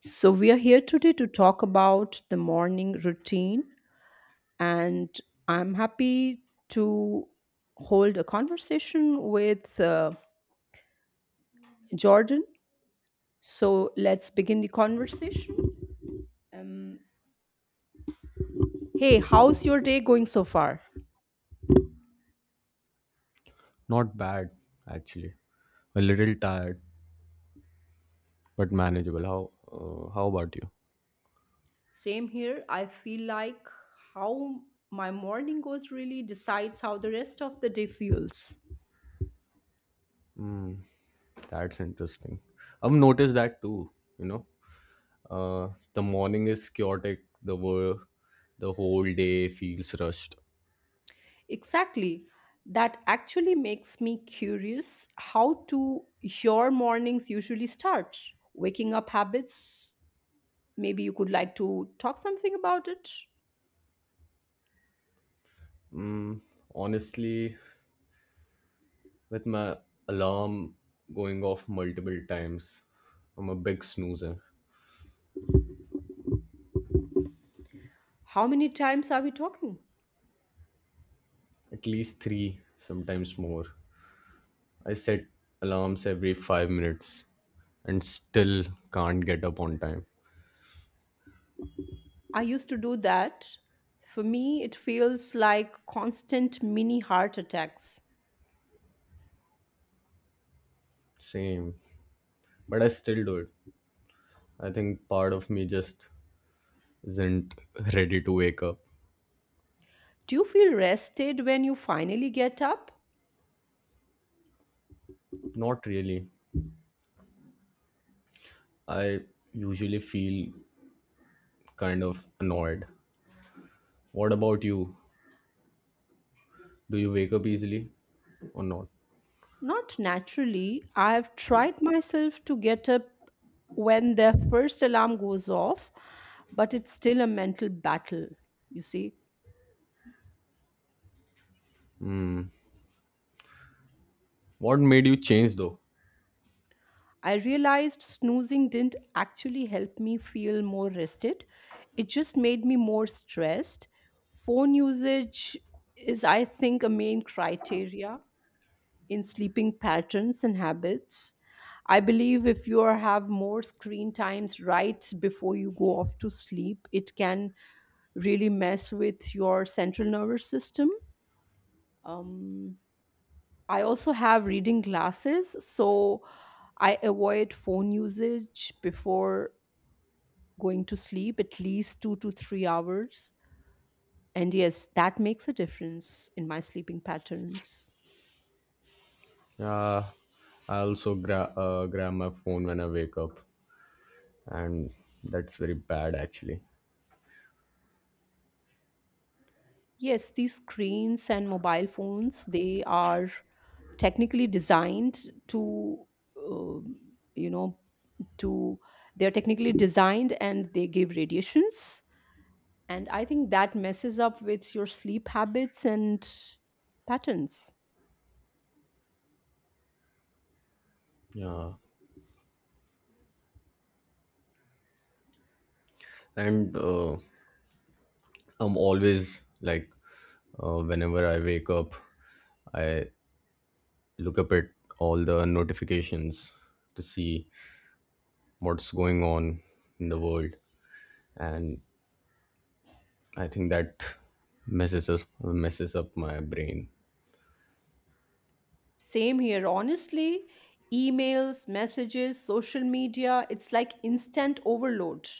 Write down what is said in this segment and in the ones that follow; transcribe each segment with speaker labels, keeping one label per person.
Speaker 1: So, we are here today to talk about the morning routine, and I'm happy to hold a conversation with Jordan. So, let's begin the conversation. Um, Hey, how's your day going so far?
Speaker 2: Not bad, actually. A little tired, but manageable. How about you?
Speaker 1: Same here. I feel like how my morning goes really decides how the rest of the day feels.
Speaker 2: Mm, that's interesting. I've noticed that too. You know, the morning is chaotic. The whole day feels rushed.
Speaker 1: Exactly. That actually makes me curious, how do your mornings usually start? Waking up habits? Maybe you could like to talk something about it.
Speaker 2: Mm, Honestly, with my alarm going off multiple times, I'm a big snoozer.
Speaker 1: How many times are we talking?
Speaker 2: At least three, sometimes more. I set alarms every 5 minutes and still can't get up on time.
Speaker 1: I used to do that. For me, it feels like constant mini heart attacks.
Speaker 2: Same. But I still do it. I think part of me just isn't ready to wake up.
Speaker 1: Do you feel rested when you finally get up?
Speaker 2: Not really. I usually feel kind of annoyed. What about you? Do you wake up easily or not?
Speaker 1: Not naturally. I've tried myself to get up when the first alarm goes off, but it's still a mental battle, you see.
Speaker 2: What made you change though?
Speaker 1: I realized snoozing didn't actually help me feel more rested. It just made me more stressed. Phone usage is, I think, a main criteria in sleeping patterns and habits. I believe if you have more screen times right before you go off to sleep, it can really mess with your central nervous system. Um, I also have reading glasses, so I avoid phone usage before going to sleep at least 2 to 3 hours. And yes, that makes a difference in my sleeping patterns.
Speaker 2: Uh, I also grab my phone when I wake up, and that's very bad actually.
Speaker 1: Yes, these screens and mobile phones, they are technically designed to, um, you know, to, they're technically designed and they give radiations. And I think that messes up with your sleep habits and patterns.
Speaker 2: Yeah, and I'm always like, whenever I wake up, I look up at all the notifications to see what's going on in the world, and I think that messes up my brain.
Speaker 1: Same here, honestly. Emails, messages, social media, it's like instant overload.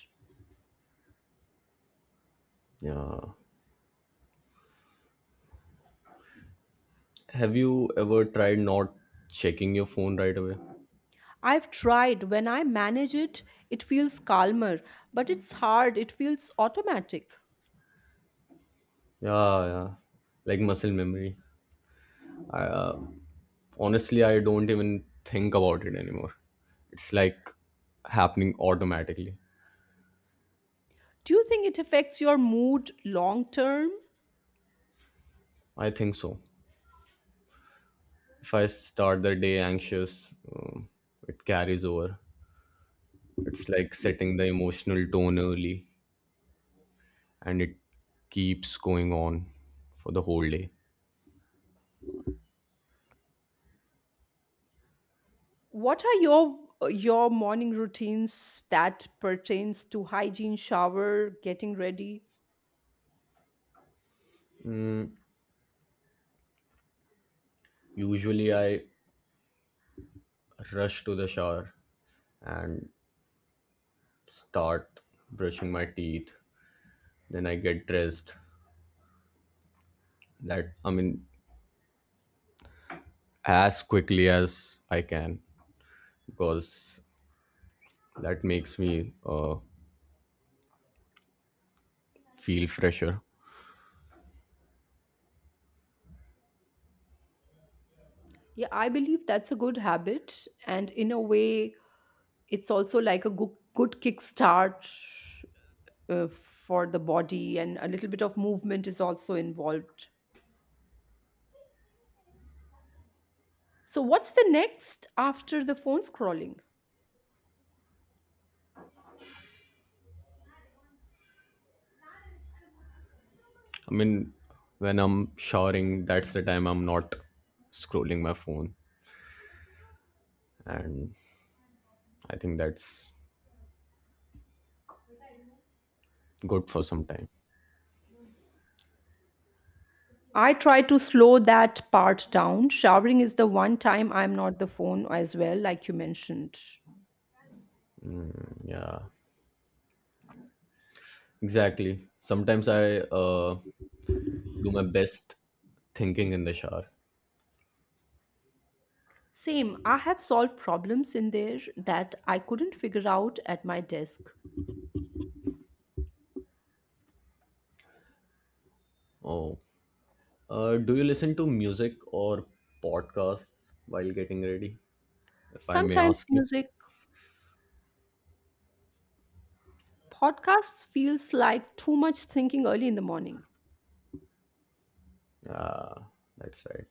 Speaker 2: Yeah. Have you ever tried not checking your phone right away?
Speaker 1: I've tried. When I manage it, it feels calmer, but it's hard. It feels automatic.
Speaker 2: Yeah, yeah. Like muscle memory. I, uh, Honestly, I don't even think about it anymore. It's like happening automatically.
Speaker 1: Do you think it affects your mood long term?
Speaker 2: I think so. If I start the day anxious, it carries over. It's like setting the emotional tone early and it keeps going on for the whole day.
Speaker 1: What are your morning routines that pertains to hygiene, shower, getting ready?
Speaker 2: Usually, I rush to the shower and start brushing my teeth. Then I get dressed. That, I mean, as quickly as I can because that makes me feel fresher.
Speaker 1: Yeah, I believe that's a good habit. And in a way, it's also like a good kickstart for the body, and a little bit of movement is also involved. So, what's the next after the phone scrolling?
Speaker 2: I mean, when I'm showering, that's the time I'm not scrolling my phone. And I think that's good for some time.
Speaker 1: I try to slow that part down. Showering is the one time I'm not the phone as well, like you mentioned.
Speaker 2: Yeah, exactly. Sometimes I do my best thinking in the shower.
Speaker 1: Same, I have solved problems in there that I couldn't figure out at my desk.
Speaker 2: Oh, do you listen to music or podcasts while getting ready? If I may
Speaker 1: Sometimes
Speaker 2: ask you.
Speaker 1: music. Podcasts feels like too much thinking early in the morning.
Speaker 2: Yeah, that's right.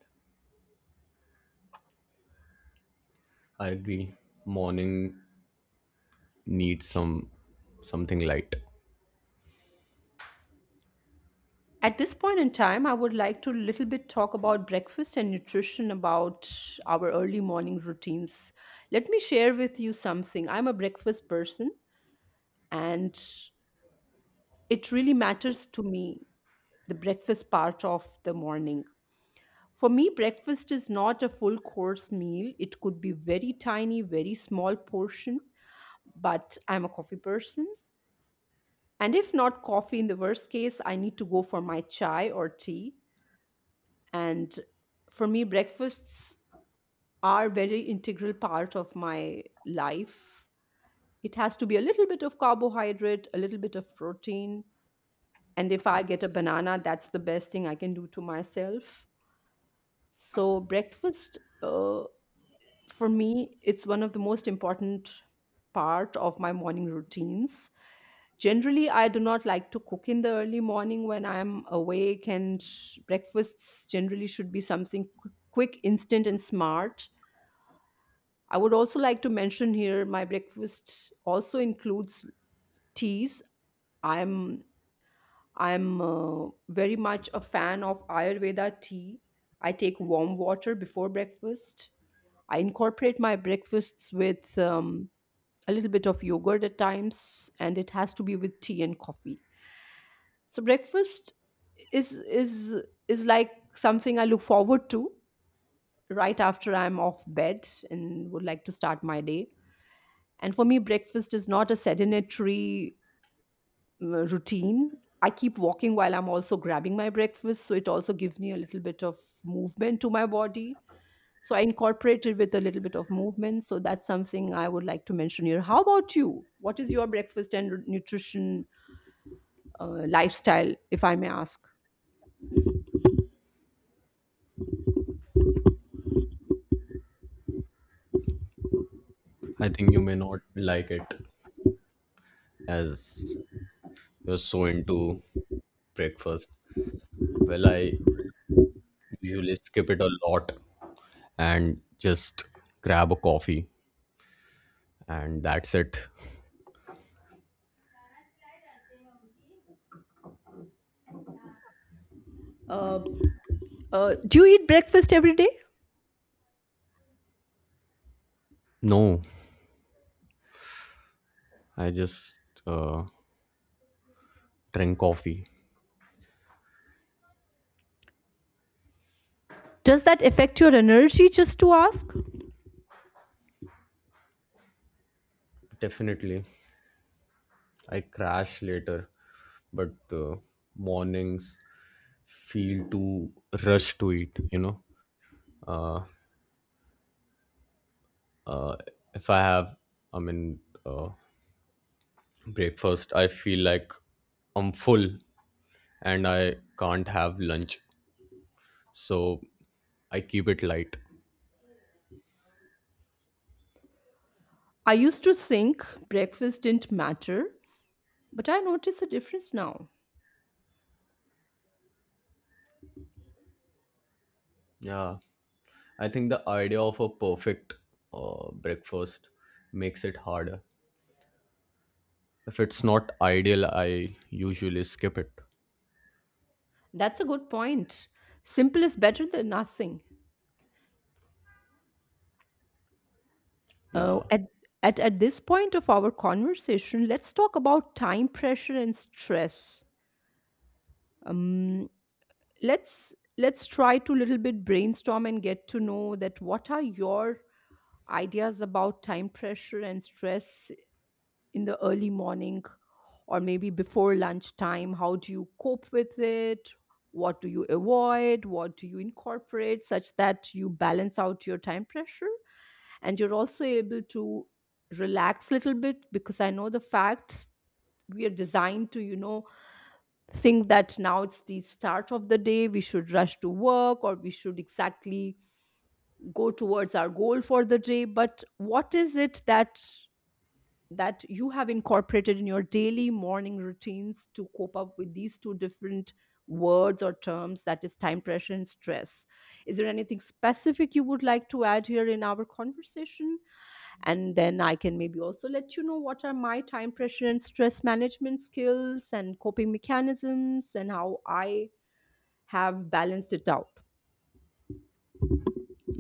Speaker 2: I agree. Morning needs something light.
Speaker 1: At this point in time, I would like to little bit talk about breakfast and nutrition about our early morning routines. Let me share with you something. I'm a breakfast person, and it really matters to me the breakfast part of the morning. For me, breakfast is not a full course meal. It could be very tiny, very small portion, but I'm a coffee person. And if not coffee, in the worst case, I need to go for my chai or tea. And for me, breakfasts are very integral part of my life. It has to be a little bit of carbohydrate, a little bit of protein. And if I get a banana, that's the best thing I can do to myself. So breakfast, for me, it's one of the most important part of my morning routines. Generally, I do not like to cook in the early morning when I'm awake, and breakfasts generally should be something quick, instant, and smart. I would also like to mention here my breakfast also includes teas. I'm I'm very much a fan of Ayurveda tea. I take warm water before breakfast. I incorporate my breakfasts with a little bit of yogurt at times, and it has to be with tea and coffee. So breakfast is is is like something I look forward to right after I'm off bed and would like to start my day. And for me, breakfast is not a sedentary routine. I keep walking while I'm also grabbing my breakfast, so it also gives me a little bit of movement to my body. So I incorporate it with a little bit of movement. So that's something I would like to mention here. How about you? What is your breakfast and nutrition lifestyle, if I may ask?
Speaker 2: I think you may not like it as you're so into breakfast. Well, I usually skip it a lot and just grab a coffee, and that's it.
Speaker 1: Uh, do you eat breakfast every day?
Speaker 2: No, I just uh, drink coffee.
Speaker 1: Does that affect your energy? Just to ask.
Speaker 2: Definitely, I crash later, but mornings feel too rush to eat. You know, uh, if I have, I mean, uh, breakfast, I feel like I'm full and I can't have lunch. So I keep it light.
Speaker 1: I used to think breakfast didn't matter, but I notice a difference now.
Speaker 2: Yeah, I think the idea of a perfect breakfast makes it harder. If it's not ideal, I usually skip it.
Speaker 1: That's a good point. Simple is better than nothing. Uh,
Speaker 2: Yeah,
Speaker 1: at, at this point of our conversation, let's talk about time pressure and stress. Um, let's try to little bit brainstorm and get to know that what are your ideas about time pressure and stress in the early morning or maybe before lunchtime? How do you cope with it? What do you avoid? What do you incorporate such that you balance out your time pressure? And you're also able to relax a little bit because I know the fact we are designed to, you know, think that now it's the start of the day, we should rush to work or we should exactly go towards our goal for the day. But what is it that you have incorporated in your daily morning routines to cope up with these two different words or terms, that is time pressure and stress. Is there anything specific you would like to add here in our conversation, and then I can maybe also let you know what are my time pressure and stress management skills and coping mechanisms and how I have balanced it out?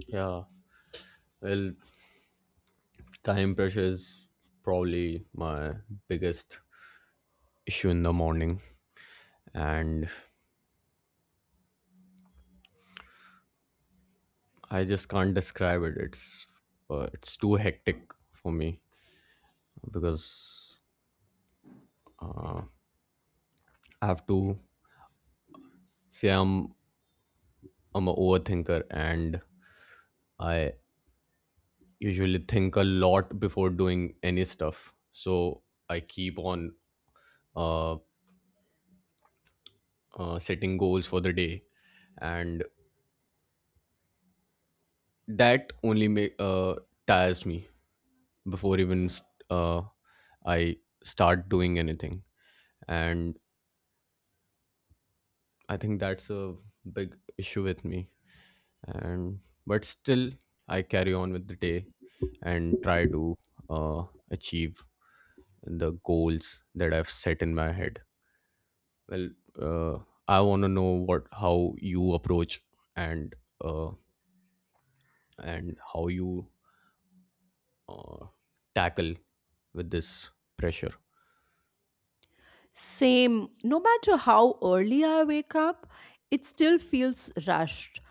Speaker 2: yeah. Well, time pressure is probably my biggest issue in the morning, and I just can't describe it. It's too hectic for me because I have to say I'm a overthinker and I usually think a lot before doing any stuff. So I keep on uh, setting goals for the day, and that only make tires me before I start doing anything. And I think that's a big issue with me. And but still, I carry on with the day and try to uh, achieve the goals that I've set in my head. Well, uh, I want to know what how you approach and uh, and how you uh, tackle with this pressure.
Speaker 1: Same. No matter how early I wake up, it still feels rushed.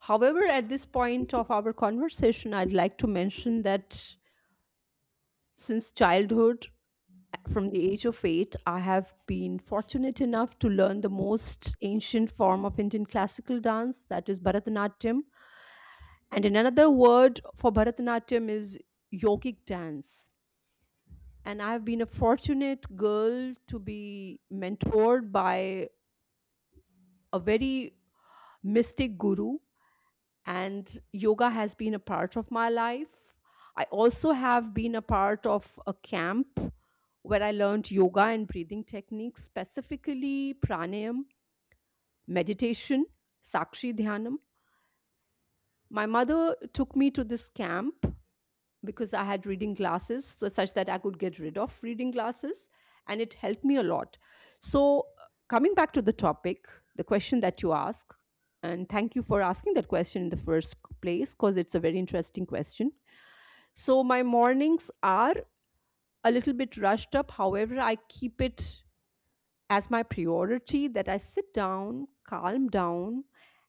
Speaker 1: However, at this point of our conversation, I'd like to mention that since childhood, from the age of 8, I have been fortunate enough to learn the most ancient form of Indian classical dance, that is Bharatanatyam. And in another word for Bharatanatyam is yogic dance. And I have been a fortunate girl to be mentored by a very mystic guru, and yoga has been a part of my life. I also have been a part of a camp where I learned yoga and breathing techniques, specifically pranayam, meditation, sakshi dhyanam. My mother took me to this camp because I had reading glasses, so such that I could get rid of reading glasses, and it helped me a lot. So, coming back to the topic, the question that you ask, and thank you for asking that question in the first place because it's a very interesting question. So, my mornings are a little bit rushed up, however, I keep it as my priority that I sit down, calm down,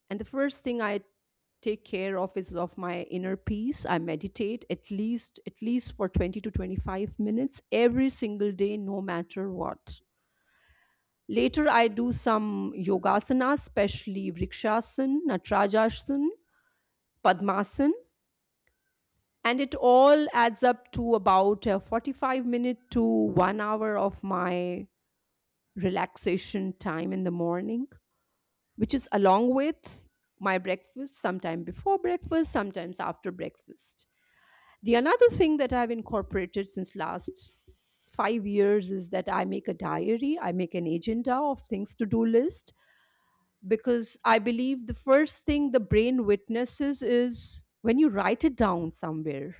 Speaker 1: and the first thing I take care of is of my inner peace. I meditate at least for 20 to 25 minutes every single day no matter what. Later I do some yogasana, especially vrikshasana, natrajasana, padmasana, and it all adds up to about a 45 minute to 1 hour of my relaxation time in the morning, which is along with my breakfast, sometime before breakfast, sometimes after breakfast. The another thing that I've incorporated since last 5 years is that I make a diary, I make an agenda of things to do list because I believe the first thing the brain witnesses is when you write it down somewhere.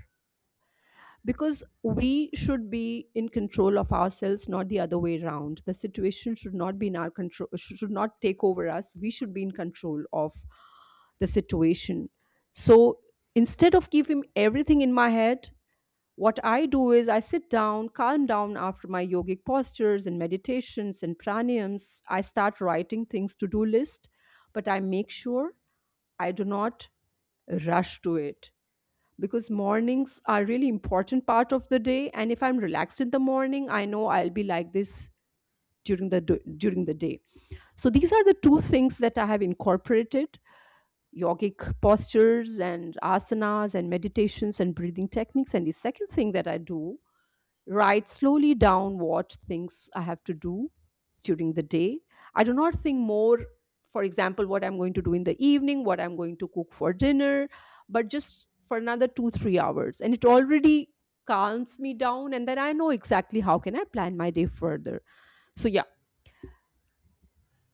Speaker 1: Because we should be in control of ourselves, not the other way around. The situation should not be in our control, should not take over us. We should be in control of the situation. So instead of giving everything in my head, what I do is I sit down, calm down after my yogic postures and meditations and pranayams. I start writing things to do list, but I make sure I do not rush to it because mornings are really important part of the day, and if I'm relaxed in the morning, I know I'll be like this during the during the day. So these are the two things that I have incorporated: yogic postures and asanas and meditations and breathing techniques. And the second thing that I do, write slowly down what things I have to do during the day. I do not think more, for example, what I'm going to do in the evening, what I'm going to cook for dinner, but just for another two, 3 hours. And it already calms me down, and then I know exactly how can I plan my day further. So yeah,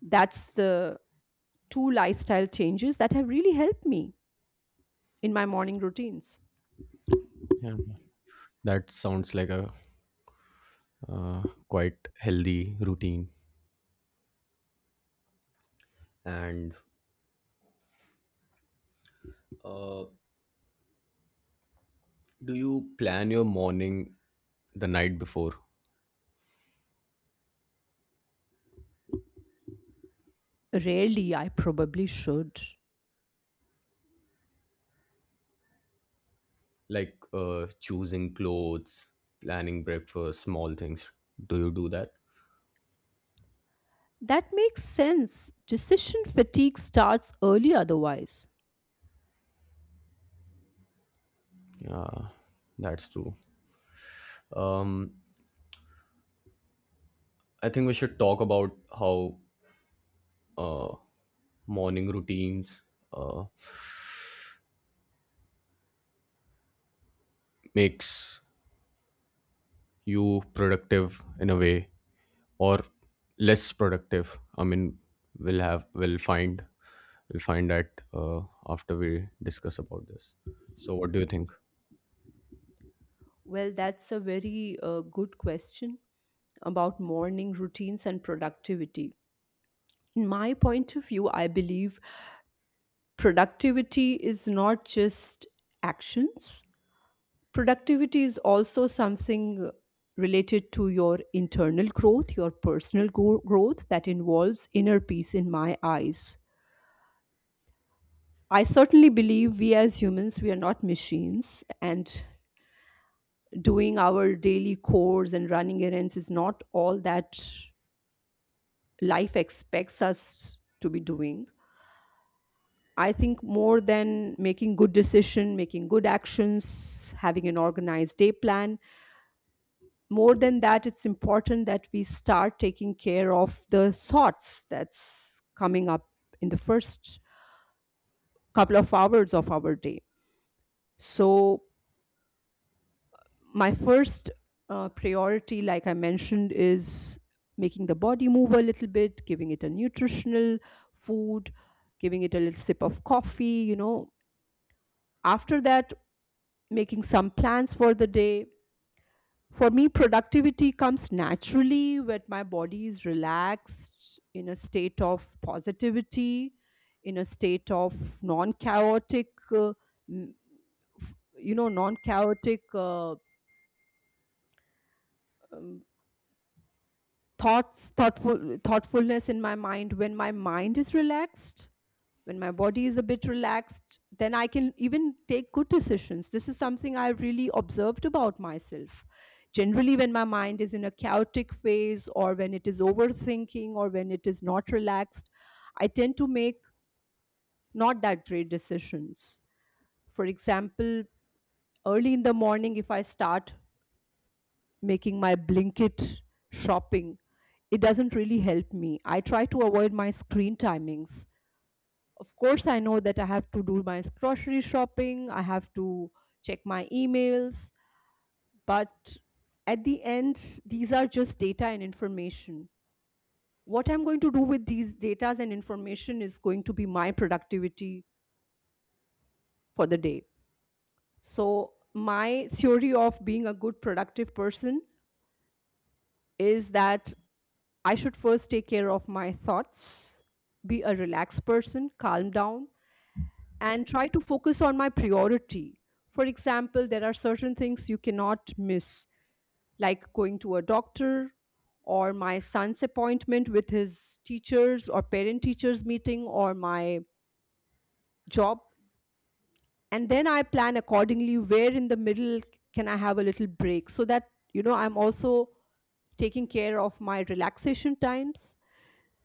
Speaker 1: that's the two lifestyle changes that have really helped me in my morning routines.
Speaker 2: Yeah, that sounds like a quite healthy routine and uh, do you plan your morning the night before?
Speaker 1: Rarely, I probably should.
Speaker 2: Like, choosing clothes, planning breakfast, small things, do you do that?
Speaker 1: That makes sense. Decision fatigue starts early otherwise.
Speaker 2: Yeah, that's true. um I think we should talk about how uh, morning routines uh, makes you productive in a way or less productive. I mean, we'll have we'll find we'll find that after we discuss about this. So what do you think?
Speaker 1: Well, that's a very good question about morning routines and productivity. In my point of view, I believe productivity is not just actions, productivity is also something related to your internal growth, your personal growth that involves inner peace in my eyes. I certainly believe we as humans, we are not machines, and doing our daily chores and running errands is not all that life expects us to be doing. I think more than making good decision, making good actions, having an organized day plan, more than that, it's important that we start taking care of the thoughts that's coming up in the first couple of hours of our day. So my first priority, like I mentioned, is making the body move a little bit, giving it a nutritional food, giving it a little sip of coffee, you know. After that, making some plans for the day. For me, productivity comes naturally when my body is relaxed, in a state of positivity, in a state of non chaotic, uh, m- non chaotic. Um, thoughts thoughtful thoughtfulness in my mind when my mind is relaxed, when my body is a bit relaxed, then I can even take good decisions. This is something I really observed about myself. Generally when my mind is in a chaotic phase, or when it is overthinking, or when it is not relaxed, I tend to make not that great decisions. For example, early in the morning if I start making my Blinkit shopping, it doesn't really help me. I try to avoid my screen timings. Of course, I know that I have to do my grocery shopping, I have to check my emails, but at the end, these are just data and information. What I'm going to do with these data and information is going to be my productivity for the day. So, my theory of being a good productive person is that I should first take care of my thoughts, be a relaxed person, calm down, and try to focus on my priority. For example, there are certain things you cannot miss, like going to a doctor or my son's appointment with his teachers or parent teachers meeting or my job. And then I plan accordingly where in the middle can I have a little break so that, you know, I'm also taking care of my relaxation times.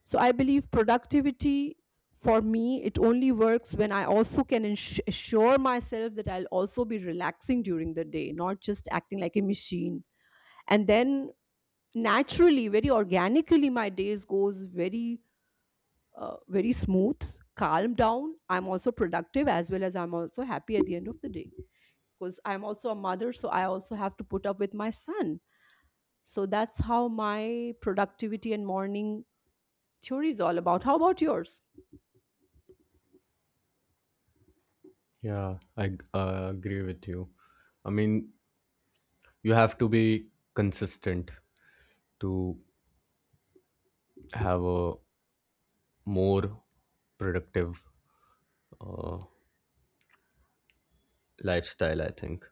Speaker 1: So I believe productivity for me it only works when I also can assure myself that I'll also be relaxing during the day, not just acting like a machine. And then naturally, very organically, my days goes very very smooth, calm down. I'm also productive as well as I'm also happy at the end of the day because I'm also a mother, so I also have to put up with my son. So that's how my productivity and morning theory is all about. How about yours?
Speaker 2: Yeah, I agree with you. I mean, you have to be consistent to have a more productive uh, lifestyle. I think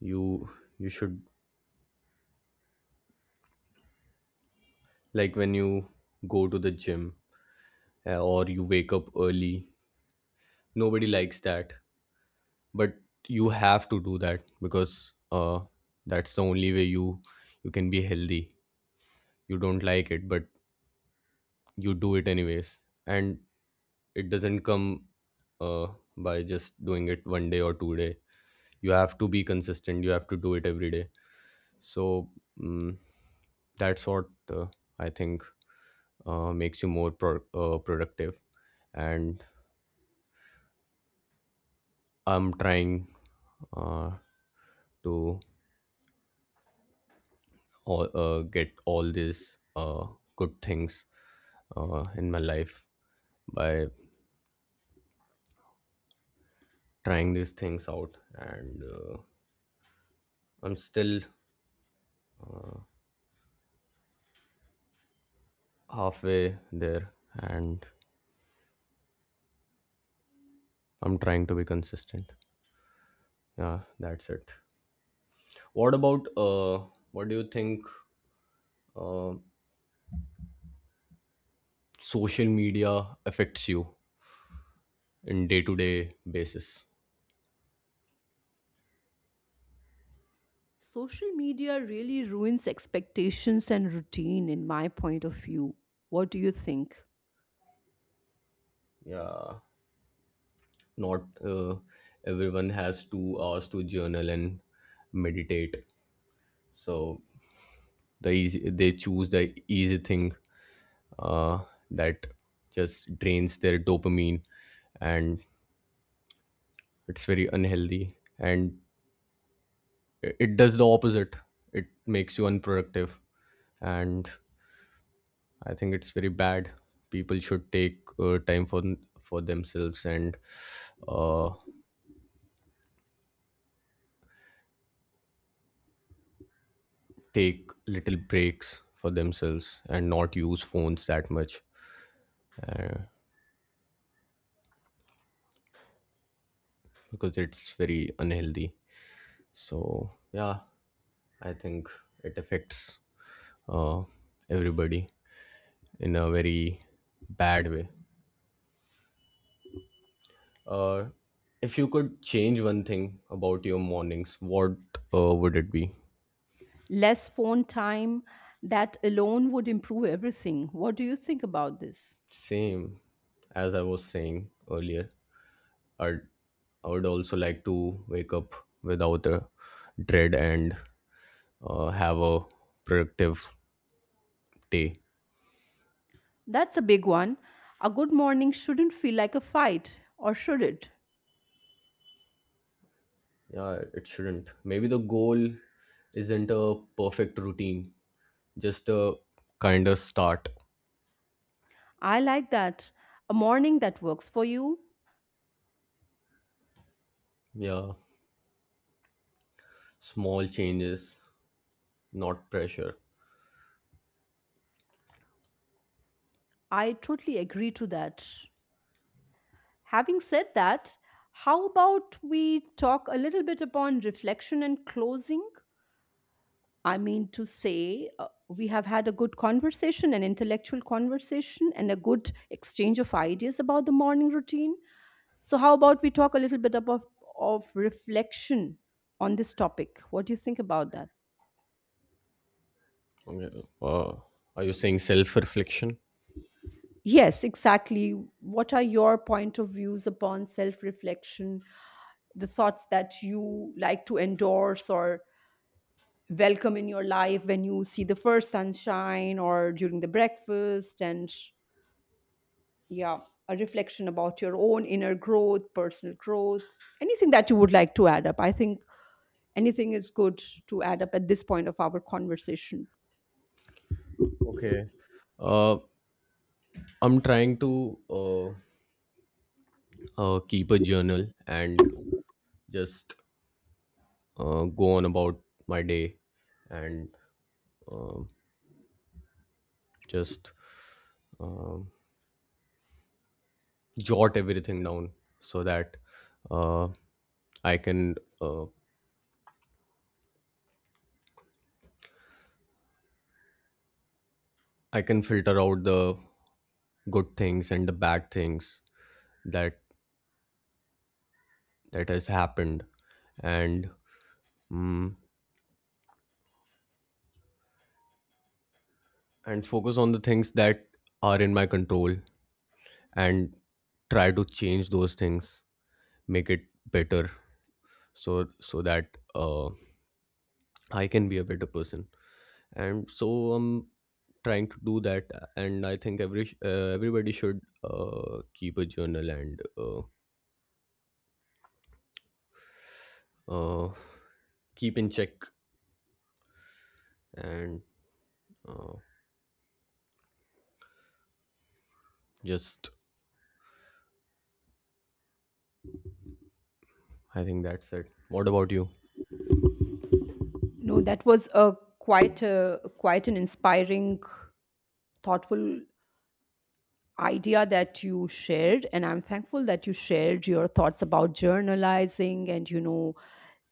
Speaker 2: you you should, like, when you go to the gym, or you wake up early, nobody likes that, but you have to do that because that's the only way you can be healthy. You don't like it, but you do it anyways. And it doesn't come uh, by just doing it one day or two day. You have to be consistent, you have to do it every day. So mm that's what uh, I think makes you more productive. And I'm trying uh, to get all these good things in my life by trying these things out, and I'm still halfway there, and I'm trying to be consistent. Yeah, that's it. What about what do you think uh, social media affects you in day to day basis?
Speaker 1: Social media really ruins expectations and routine, in my point of view. What do you think?
Speaker 2: Yeah, not everyone has 2 hours to journal and meditate, so they choose the easy thing uh, that just drains their dopamine, and it's very unhealthy, and it does the opposite. It makes you unproductive, and I think it's very bad. People should take time for themselves and uh, take little breaks for themselves and not use phones that much, uh, because it's very unhealthy. So yeah, I think it affects uh, everybody in a very bad way. Uh, if you could change one thing about your mornings, what would it be?
Speaker 1: Less phone time, that alone would improve everything. What do you think about this?
Speaker 2: Same as I was saying earlier. I'd, I would also like to wake up without a dread and have a productive day.
Speaker 1: That's a big one. A good morning shouldn't feel like a fight, or should it?
Speaker 2: Yeah, it shouldn't. Maybe the goal isn't a perfect routine, just a kind of start.
Speaker 1: I like that. A morning that works for you.
Speaker 2: Yeah, small changes, not pressure.
Speaker 1: I totally agree to that. Having said that, how about we talk a little bit upon reflection and closing? I mean to say, we have had a good conversation, an intellectual conversation, and a good exchange of ideas about the morning routine. So, how about we talk a little bit about of reflection on this topic? What do you think about that?
Speaker 2: Okay. Are you saying self reflection?
Speaker 1: Yes, exactly. What are your point of views upon self-reflection? The thoughts that you like to endorse or welcome in your life when you see the first sunshine or during the breakfast and yeah, a reflection about your own inner growth, personal growth, anything that you would like to add up. I think anything is good to add up at this point of our conversation.
Speaker 2: Okay. Uh, I'm trying to keep a journal and just go on about my day and um just um jot everything down so that uh, I can uh, I can filter out the good things and the bad things that has happened and mm, and focus on the things that are in my control and try to change those things, make it better, so that I can be a better person. And so I'm trying to do that. And I think everybody should keep a journal and uh, keep in check and uh, just I think that's it. What about you?
Speaker 1: No, that was a quite an inspiring, thoughtful idea that you shared, and I'm thankful that you shared your thoughts about journalizing. And you know,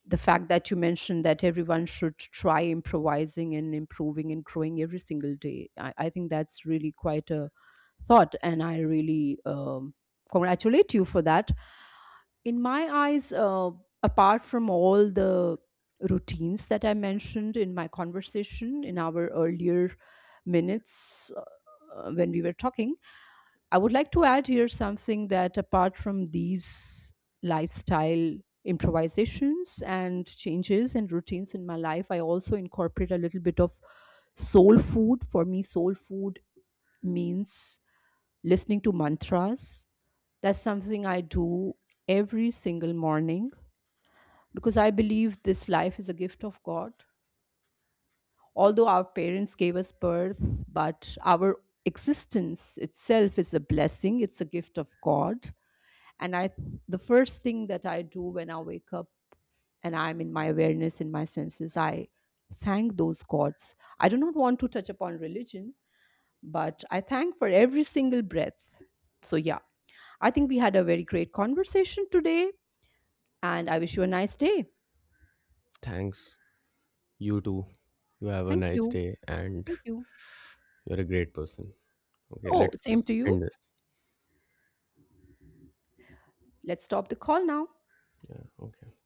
Speaker 1: the fact that you mentioned that everyone should try improvising and improving and growing every single day, I think that's really quite a thought, and I really congratulate you for that. In my eyes, apart from all the routines that I mentioned in my conversation in our earlier minutes, when we were talking, I would like to add here something that apart from these lifestyle improvisations and changes and routines in my life, I also incorporate a little bit of soul food. For me, soul food means listening to mantras. That's something I do every single morning because I believe this life is a gift of God. Although our parents gave us birth, but our existence itself is a blessing, it's a gift of God. And the first thing that I do when I wake up and I'm in my awareness, in my senses, I thank those gods. I do not want to touch upon religion, but I thank for every single breath. So yeah, I think we had a very great conversation today, and I wish you a nice day.
Speaker 2: Thanks. You too. You have a
Speaker 1: Thank
Speaker 2: nice
Speaker 1: you.
Speaker 2: day and
Speaker 1: Thank you.
Speaker 2: you're a great person. Okay,
Speaker 1: Oh,
Speaker 2: let's
Speaker 1: same to you.
Speaker 2: end this.
Speaker 1: Let's stop the call now.
Speaker 2: Yeah, okay.